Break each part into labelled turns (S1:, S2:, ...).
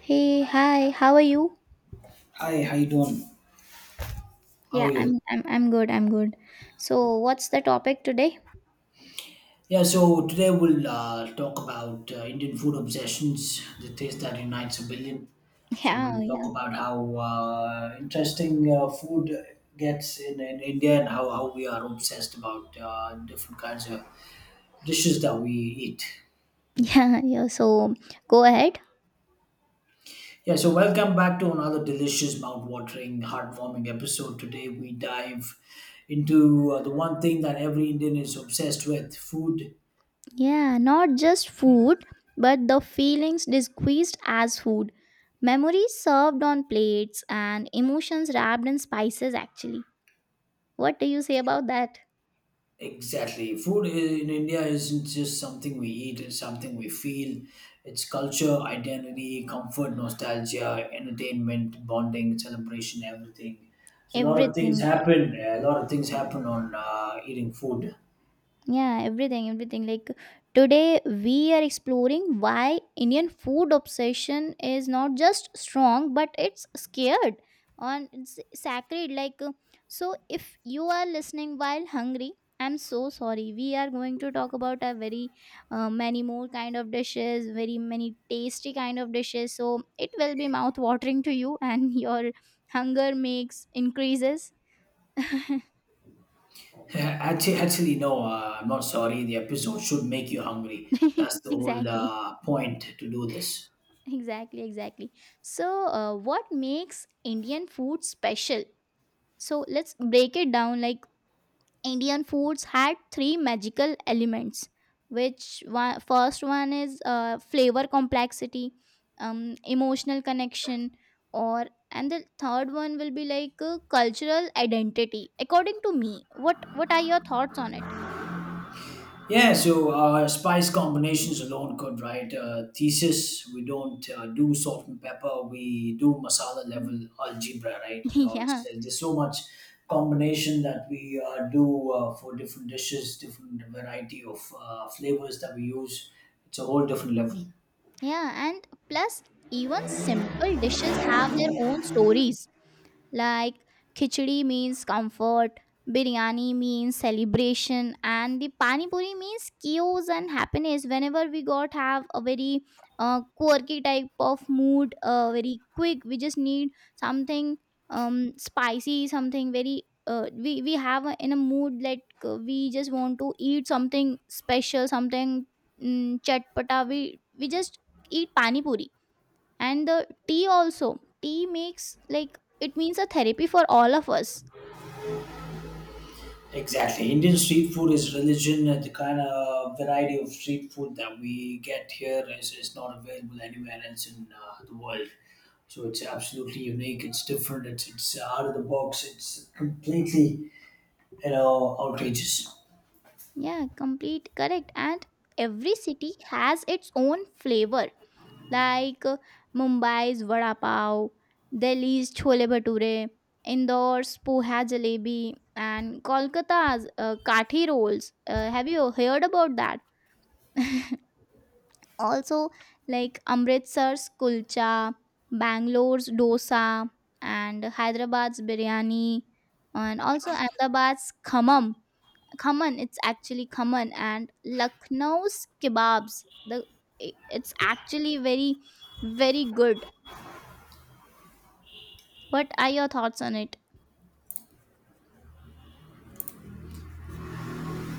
S1: Hey, hi, how are you?
S2: Hi, how you doing? How are
S1: Yeah,
S2: you?
S1: I'm good, I'm good. So, what's the topic today?
S2: Yeah, so today we'll talk about Indian food obsessions, the taste that unites a billion. So we'll
S1: Yeah,
S2: talk
S1: yeah.
S2: about how interesting food gets in India and how we are obsessed about different kinds of dishes that we eat.
S1: Yeah, yeah. So, go ahead.
S2: Yeah, so welcome back to another delicious, mouth-watering, heartwarming episode. Today we dive into the one thing that every Indian is obsessed with, food.
S1: Yeah, not just food, but the feelings disguised as food. Memories served on plates and emotions wrapped in spices actually. What do you say about that?
S2: Exactly. Food in India isn't just something we eat, it's something we feel. It's culture, identity, comfort, nostalgia, entertainment, bonding, celebration, everything. So a lot of
S1: Everything,
S2: things happen. A lot of things happen on eating food.
S1: yeah, everything, everything. Like today, we are exploring why Indian food obsession is not just strong, but it's scared on it's sacred. So if you are listening while hungry, I'm so sorry. We are going to talk about a very many more kind of dishes, very many tasty kind of dishes. So it will be mouth watering to you, and your hunger makes increases.
S2: Actually, no. I'm not sorry. The episode should make you hungry. That's the whole
S1: Exactly.
S2: point to do this.
S1: Exactly, exactly. So, what makes Indian food special? So, let's break it down. Like, Indian foods had three magical elements. Which one? First one is flavor complexity, emotional connection, or and the third one will be like cultural identity. According to me, what are your thoughts on it?
S2: Yeah, so spice combinations alone could, right? Thesis, we don't do salt and pepper, we do masala
S1: Mm.
S2: level algebra, right? No, it's,
S1: Yeah,
S2: there's so much combination that we do for different dishes, different variety of flavors that we use. It's a whole different level.
S1: yeah, and plus, even simple dishes have their own stories. Like khichdi means comfort, biryani means celebration, and the pani puri means chaos and happiness. Whenever we got have a very quirky type of mood, very quick, we just need something, um, spicy, something very we have a, in a mood like we just want to eat something special, something, mm, chatpata. We just eat pani puri, and the tea also, tea makes like it means a therapy for all of us.
S2: Exactly. Indian street food is religion, and the kind of variety of street food that we get here is not available anywhere else in the world. So it's absolutely unique. It's different. It's out of the box. It's completely, outrageous.
S1: Yeah, complete correct, and every city has its own flavor, like Mumbai's vada pav, Delhi's chole bhature, indoors poha jalebi, and Kolkata's kathi rolls. Uh, have you heard about that also? Like Amritsar's kulcha, Bangalore's dosa, and Hyderabad's biryani, and also Ahmedabad's khammam. Khaman, it's actually khaman, and Lucknow's kebabs. The it's actually very, very good. What are your thoughts on it?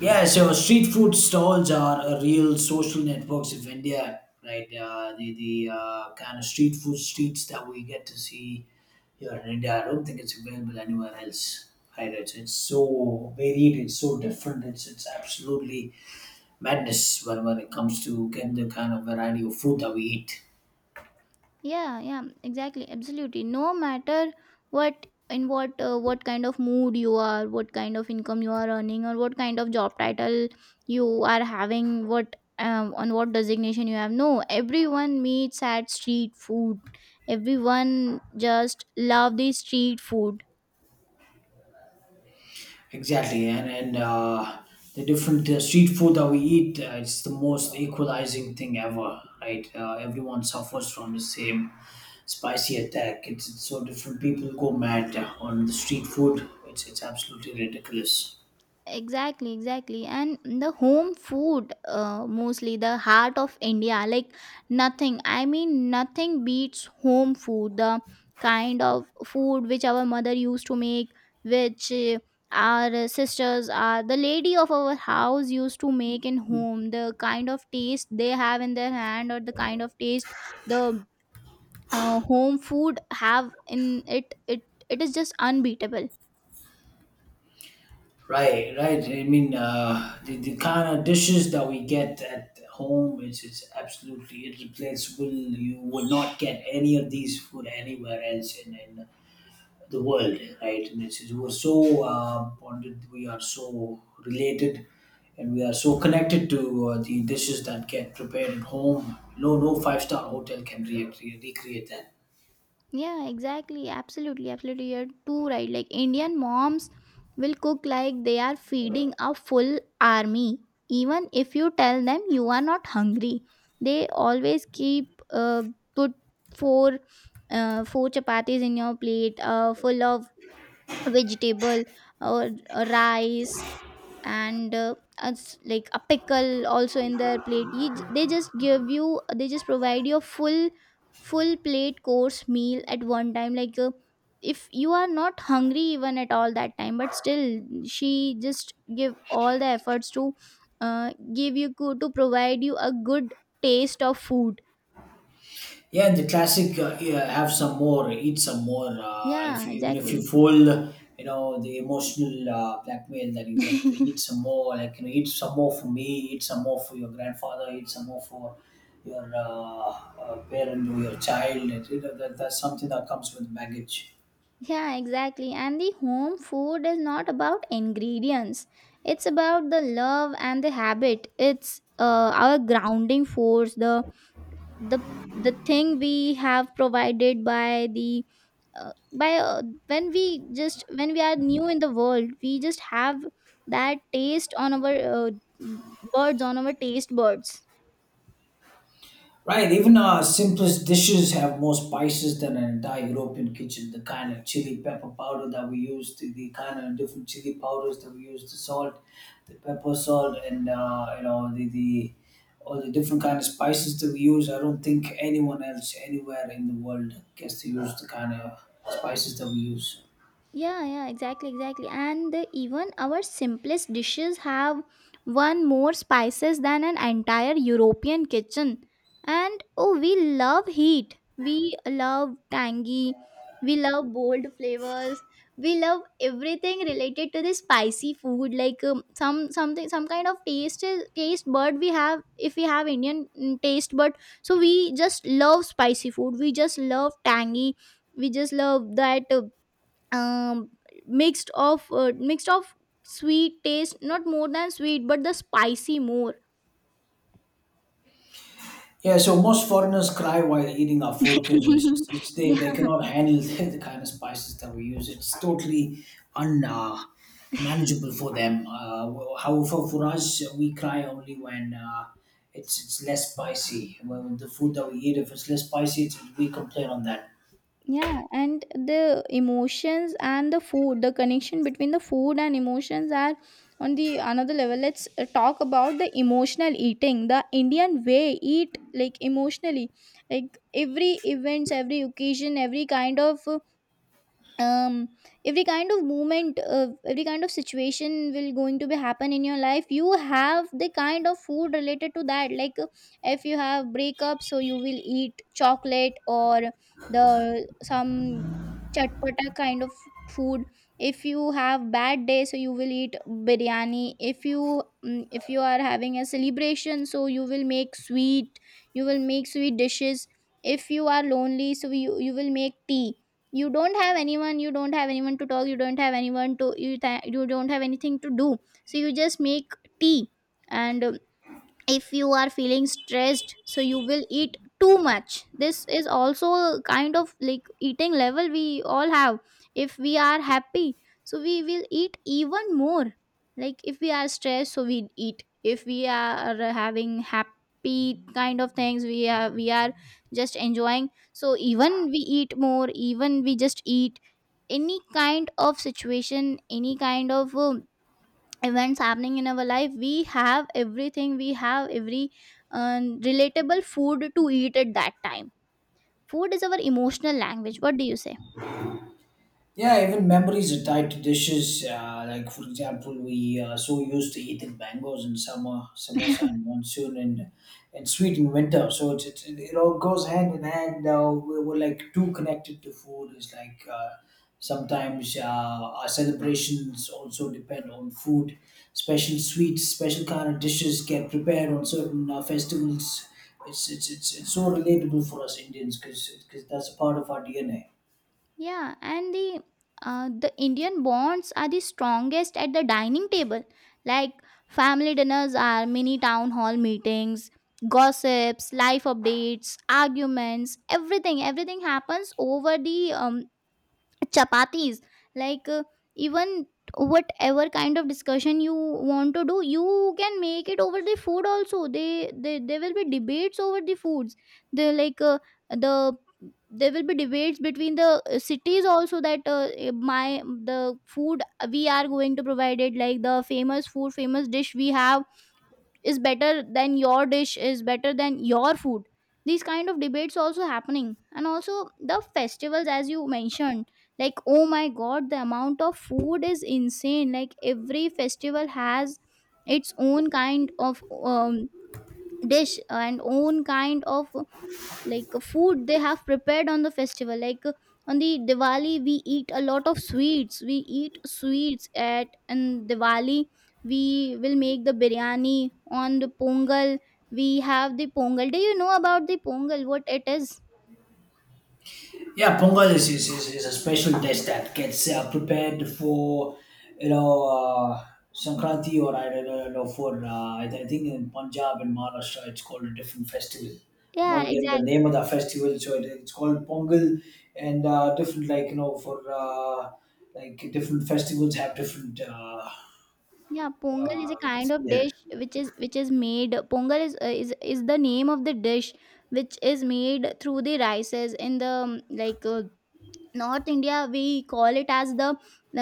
S2: Yeah, so street food stalls are a real social networks of India, right? The kind of street food streets that we get to see here in India, I don't think it's available anywhere else, right? it's, so varied, it's so different, it's absolutely madness when it comes to getting the kind of variety of food that we eat.
S1: Yeah, yeah, exactly, absolutely. No matter what, in what what kind of mood you are, what kind of income you are earning, or what kind of job title you are having, what on what designation you have, no, everyone meets at street food. Everyone just love the street food.
S2: Exactly, and the different street food that we eat, it's the most equalizing thing ever, right? Everyone suffers from the same spicy attack. It's so different. People go mad on the street food. It's absolutely ridiculous.
S1: Exactly, exactly. And the home food, mostly the heart of India, like nothing, I mean nothing beats home food. The kind of food which our mother used to make, which our sisters are the lady of our house used to make in home, the kind of taste they have in their hand, or the kind of taste the home food have in it, it it is just unbeatable.
S2: Right, right. I mean, the kind of dishes that we get at home, it's absolutely irreplaceable. You will not get any of these food anywhere else in the world, right? And it's, we're so bonded, we are so related, and we are so connected to the dishes that get prepared at home. No, no five-star hotel can recreate that.
S1: Yeah, exactly. Absolutely. Absolutely. You're too right. Like Indian moms will cook like they are feeding a full army. Even if you tell them you are not hungry, they always keep put four four chapatis in your plate, full of vegetable or rice and as like a pickle also in their plate. You, they just give you, they just provide you a full, full plate course meal at one time. Like if you are not hungry even at all that time, but still she just give all the efforts to give you good, to provide you a good taste of food.
S2: Yeah, and the classic yeah, have some more, eat some more. If
S1: Yeah,
S2: you, even if you
S1: exactly.
S2: fold, you know the emotional blackmail that you get, eat some more. Like, eat some more for me, eat some more for your grandfather, eat some more for your parent or your child. That's something that comes with baggage.
S1: Yeah, exactly. And the home food is not about ingredients. It's about the love and the habit. It's our grounding force, the the thing we have provided by the by when we just when we are new in the world, we just have that taste on our uh, birds on our taste buds.
S2: Right, even our simplest dishes have more spices than an entire European kitchen. The kind of chili pepper powder that we use, the kind of different chili powders that we use, the salt, the pepper salt, and you know the all the different kind of spices that we use. I don't think anyone else anywhere in the world gets to use the kind of spices that we use.
S1: Yeah, yeah, exactly, exactly. And even our simplest dishes have one more spices than an entire European kitchen. And oh, we love heat. We love tangy. We love bold flavors. We love everything related to the spicy food. Like, some something, some kind of taste bud we have. If we have Indian, mm, taste bud, so we just love spicy food. We just love tangy. We just love that. Um, Mixed of mixed of sweet taste, not more than sweet, but the spicy more.
S2: Yeah, so most foreigners cry while eating our food because they,
S1: Yeah,
S2: they cannot handle the kind of spices that we use. It's totally un manageable for them. Well, however, for us, we cry only when it's less spicy. When the food that we eat, if it's less spicy, we complain on that.
S1: yeah, and the emotions and the food, the connection between the food and emotions are on the another level. Let's talk about the emotional eating, the Indian way, eat like emotionally. Like every events, every occasion, um every kind of movement, every kind of situation will going to be happen in your life, you have the kind of food related to that. Like if you have breakup, so you will eat chocolate, or the some chatpata kind of food. If you have bad day, so you will eat biryani. If you are having a celebration, so you will make sweet, you will make sweet dishes. If you are lonely, so you will make tea. You don't have anyone, you don't have anyone to talk, you don't have anyone to you don't have anything to do, so you just make tea. And if you are feeling stressed, so you will eat too much. This is also kind of like eating level we all have. If we are happy, so we will eat even more. Like if we are stressed, so we eat. If we are having happy kind of things, we are just enjoying, so even we eat more, even we just eat any kind of situation, any kind of events happening in our life. We have everything, we have every uh, relatable food to eat at that time. Food is our emotional language. What do you say?
S2: Yeah, even memories are tied to dishes. Like, for example, we so used to eating mangoes in summer, samosa in monsoon, and sweet in winter. So it all goes hand in hand. We're like too connected to food. It's like sometimes our celebrations also depend on food. Special sweets, special kind of dishes get prepared on certain festivals. It's so relatable for us Indians because that's a part of our DNA.
S1: Yeah, and the Indian bonds are the strongest at the dining table. Like family dinners are mini town hall meetings. Gossips, life updates, arguments, everything, everything happens over the chapatis. Like even whatever kind of discussion you want to do, you can make it over the food also. They there will be debates over the foods. They like the There will be debates between the cities also, that eh, my the food we are going to provide it, like the famous food, famous dish we have is better than your dish, is better than your food. These kind of debates also happening. And also the festivals, as you mentioned, like oh my god, the amount of food is insane. Like every festival has its own kind of dish, and own kind of, like food they have prepared on the festival. Like on the Diwali we eat a lot of sweets, we eat sweets at and Diwali, we will make the biryani. On the Pongal, we have the Pongal. Do you know about the Pongal, what it is?
S2: Yeah, Pongal is a special dish that gets prepared for, you know, uh, Sankranti, or I don't know, for, I think in Punjab and Maharashtra it's called a different festival. I'm
S1: Yeah,
S2: not getting the name
S1: exactly.
S2: of the festival, so it's called Pongal, and different, like, for, like, different festivals have different,
S1: Yeah, Pongal is a
S2: uh,
S1: kind of
S2: yeah.
S1: dish which is made. Pongal is is the name of the dish which is made through the rices. In the North India we call it as the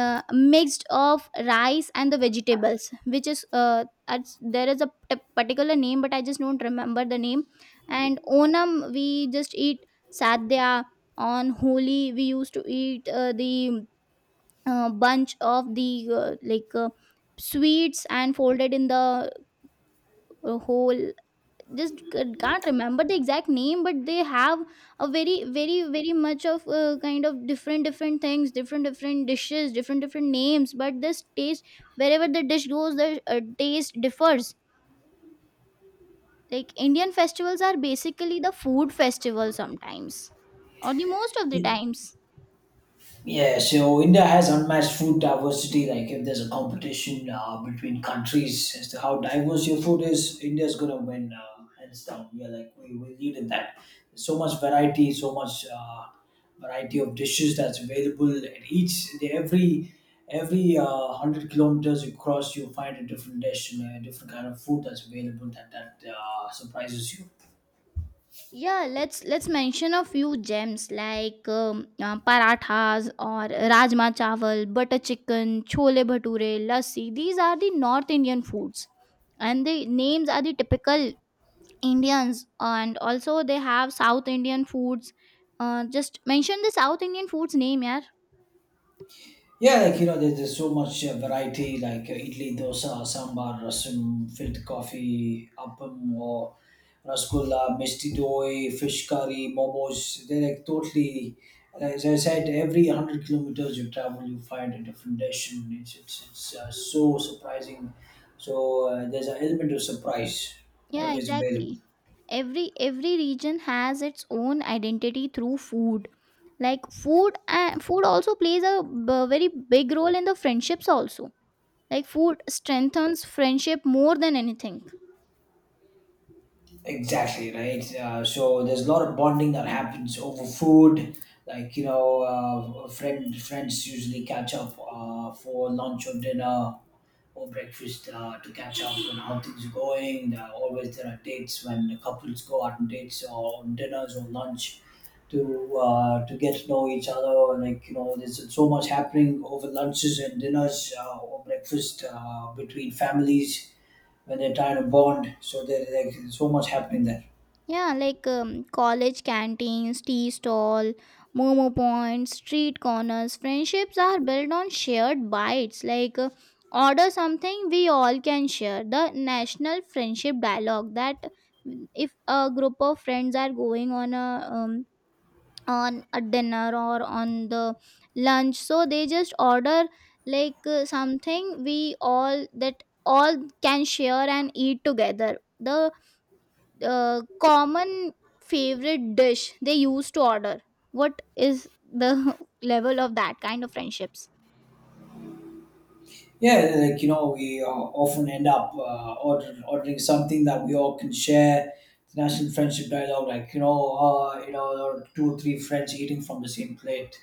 S1: uh, mixed of rice and the vegetables, which is there is a particular name, but I just don't remember the name. And Onam, we just eat sadhya. On Holi, we used to eat the bunch of the uh, like uh, sweets and folded in the whole. Just can't remember the exact name, but they have a very, very, very much of kind of different different things, different different dishes, different different names, but this taste, wherever the dish goes, the taste differs. Like Indian festivals are basically the food festival sometimes, or the most of the times.
S2: Yeah, so India has unmatched food diversity. Like, if there's a competition between countries as to how diverse your food is, India's gonna win hands down. We are like we lead in that. There's so much variety of dishes that's available. And each every 100 kilometers you cross, you find a different dish and a different kind of food that's available that surprises you.
S1: Yeah, let's mention a few gems, like parathas or rajma chawal, butter chicken, chole bhature, lassi. These are the North Indian foods, and the names are the typical Indians. And also they have South Indian foods. Uh, just mention the South Indian foods name. Yeah.
S2: Yeah, like, there's so much variety like idli, dosa, sambar, rasam, filter coffee, appam, or rasgulla, misti doi, fish curry, momos. They're like totally, as I said, every 100 kilometers you travel, you find a different dish, and it's so surprising. So there's an element of surprise
S1: Yeah,
S2: always
S1: exactly,
S2: available.
S1: every region has its own identity through food. Like food and food also plays a very big role in the friendships also. Like food strengthens friendship more than anything.
S2: Exactly right. So there's a lot of bonding that happens over food. Like, friends usually catch up for lunch or dinner or breakfast to catch up on how things are going. There are always there are dates when the couples go out on dates or on dinners or lunch to get to know each other. Like, there's so much happening over lunches and dinners or breakfast between families when they're trying to bond. So like, there's so much happening there.
S1: Yeah, like college canteens, tea stall, momo points, street corners, friendships are built on shared bites. Like order something we all can share. The national friendship dialogue, that if a group of friends are going um, on a dinner or on the lunch, so they just order like something we all, that all can share and eat together. The common favorite dish they used to order, what is the level of that kind of friendships?
S2: Yeah, like, we often end up ordering something that we all can share. The national friendship dialogue, like, or two or three friends eating from the same plate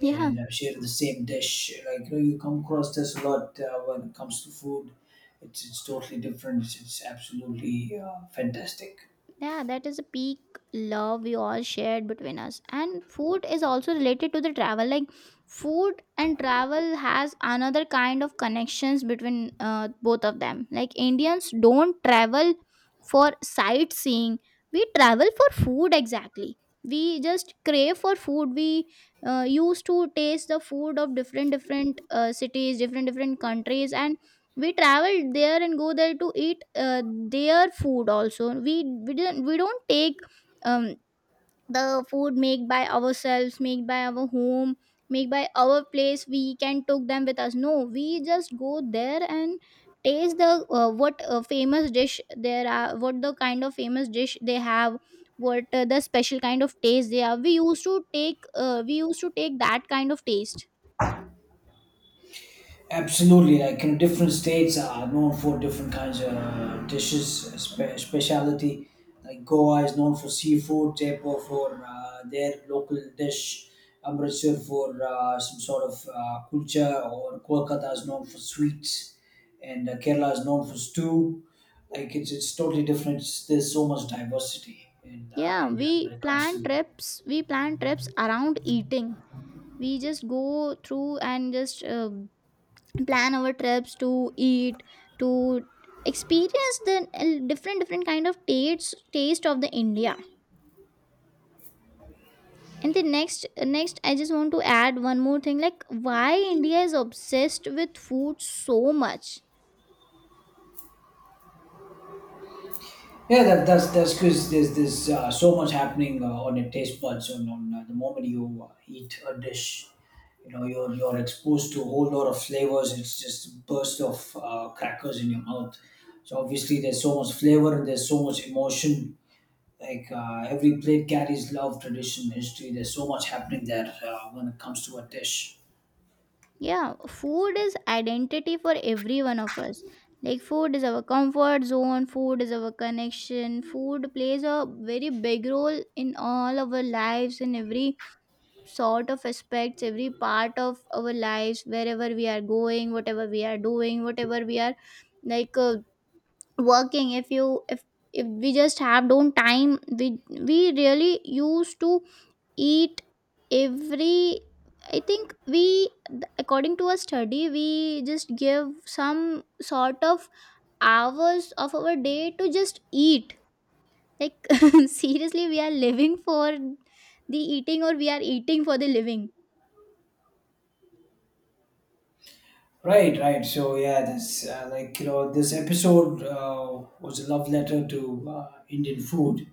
S1: Yeah,
S2: and sharing the same dish. Like, you come across this a lot when it comes to food. It's totally different. It's absolutely fantastic.
S1: yeah, that is a peak love we all shared between us. And food is also related to the travel. Like food and travel has another kind of connections between both of them. Like Indians don't travel for sightseeing, we travel for food. Exactly, we just crave for food. We used to taste the food of different different cities, different different countries, and we travel there and go there to eat their food also. We don't take um, the food made by ourselves, made by our home, made by our place, we can took them with us. No, we just go there and taste the what, famous dish there are, what the kind of famous dish they have, what the special kind of taste they have, we used to take we used to take that kind of taste.
S2: Absolutely, like, different states are known for different kinds of dishes, specialty. Like Goa is known for seafood, Jaipur for their local dish, Amritsar for some sort of kulcha, or Kolkata is known for sweets, and Kerala is known for stew. Like it's totally different. There's so much diversity in
S1: Yeah,
S2: India
S1: we
S2: when it comes
S1: plan
S2: to.
S1: trips, we plan trips around eating. We just go through and just plan our trips to eat, to experience the different different kind of tastes, taste of the India. And the next, next I just want to add one more thing, like why India is obsessed with food so much.
S2: Yeah, that's because there's so much happening on your taste buds. On the moment you eat a dish, you know you're exposed to a whole lot of flavors. It's just a burst of crackers in your mouth. So obviously there's so much flavor and there's so much emotion. Like, every plate carries love, tradition, history. There's so much happening there when it comes to a dish.
S1: Yeah, food is identity for every one of us. Like food is our comfort zone, food is our connection. Food plays a very big role in all our lives and every sort of aspects, every part of our lives, wherever we are going, whatever we are doing, whatever we are, like working. If you If we just have don't time, we really used to eat every, I think we, according to a study we just give some sort of hours of our day to just eat. Like seriously, we are living for the eating, or we are eating for the living.
S2: Right, right. So yeah, this like, this episode was a love letter to Indian food.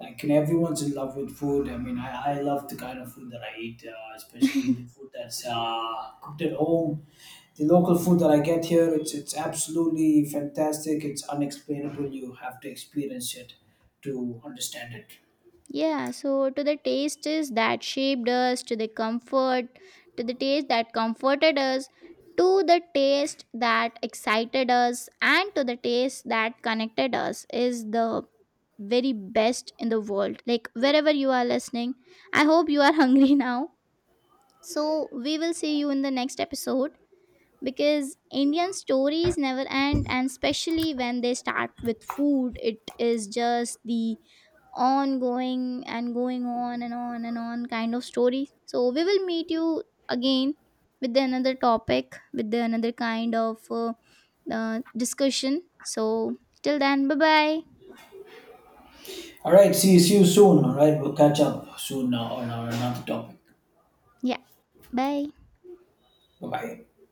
S2: Like, everyone's in love with food. I mean, I love the kind of food that I eat, especially the food that's cooked at home. The local food that I get here, it's absolutely fantastic. It's unexplainable. You have to experience it to understand it.
S1: Yeah, so to the taste is that shaped us, to the comfort, to the taste that comforted us, to the taste that excited us, and to the taste that connected us is the very best in the world. Like wherever you are listening, I hope you are hungry now. So we will see you in the next episode, because Indian stories never end, and especially when they start with food, it is just the on going and going on and on and on kind of story. So we will meet you again with the another topic, with the another kind of discussion. So till then, bye bye.
S2: All right. See you soon. All right, we'll catch up soon on our another topic.
S1: Yeah, bye.
S2: Bye bye.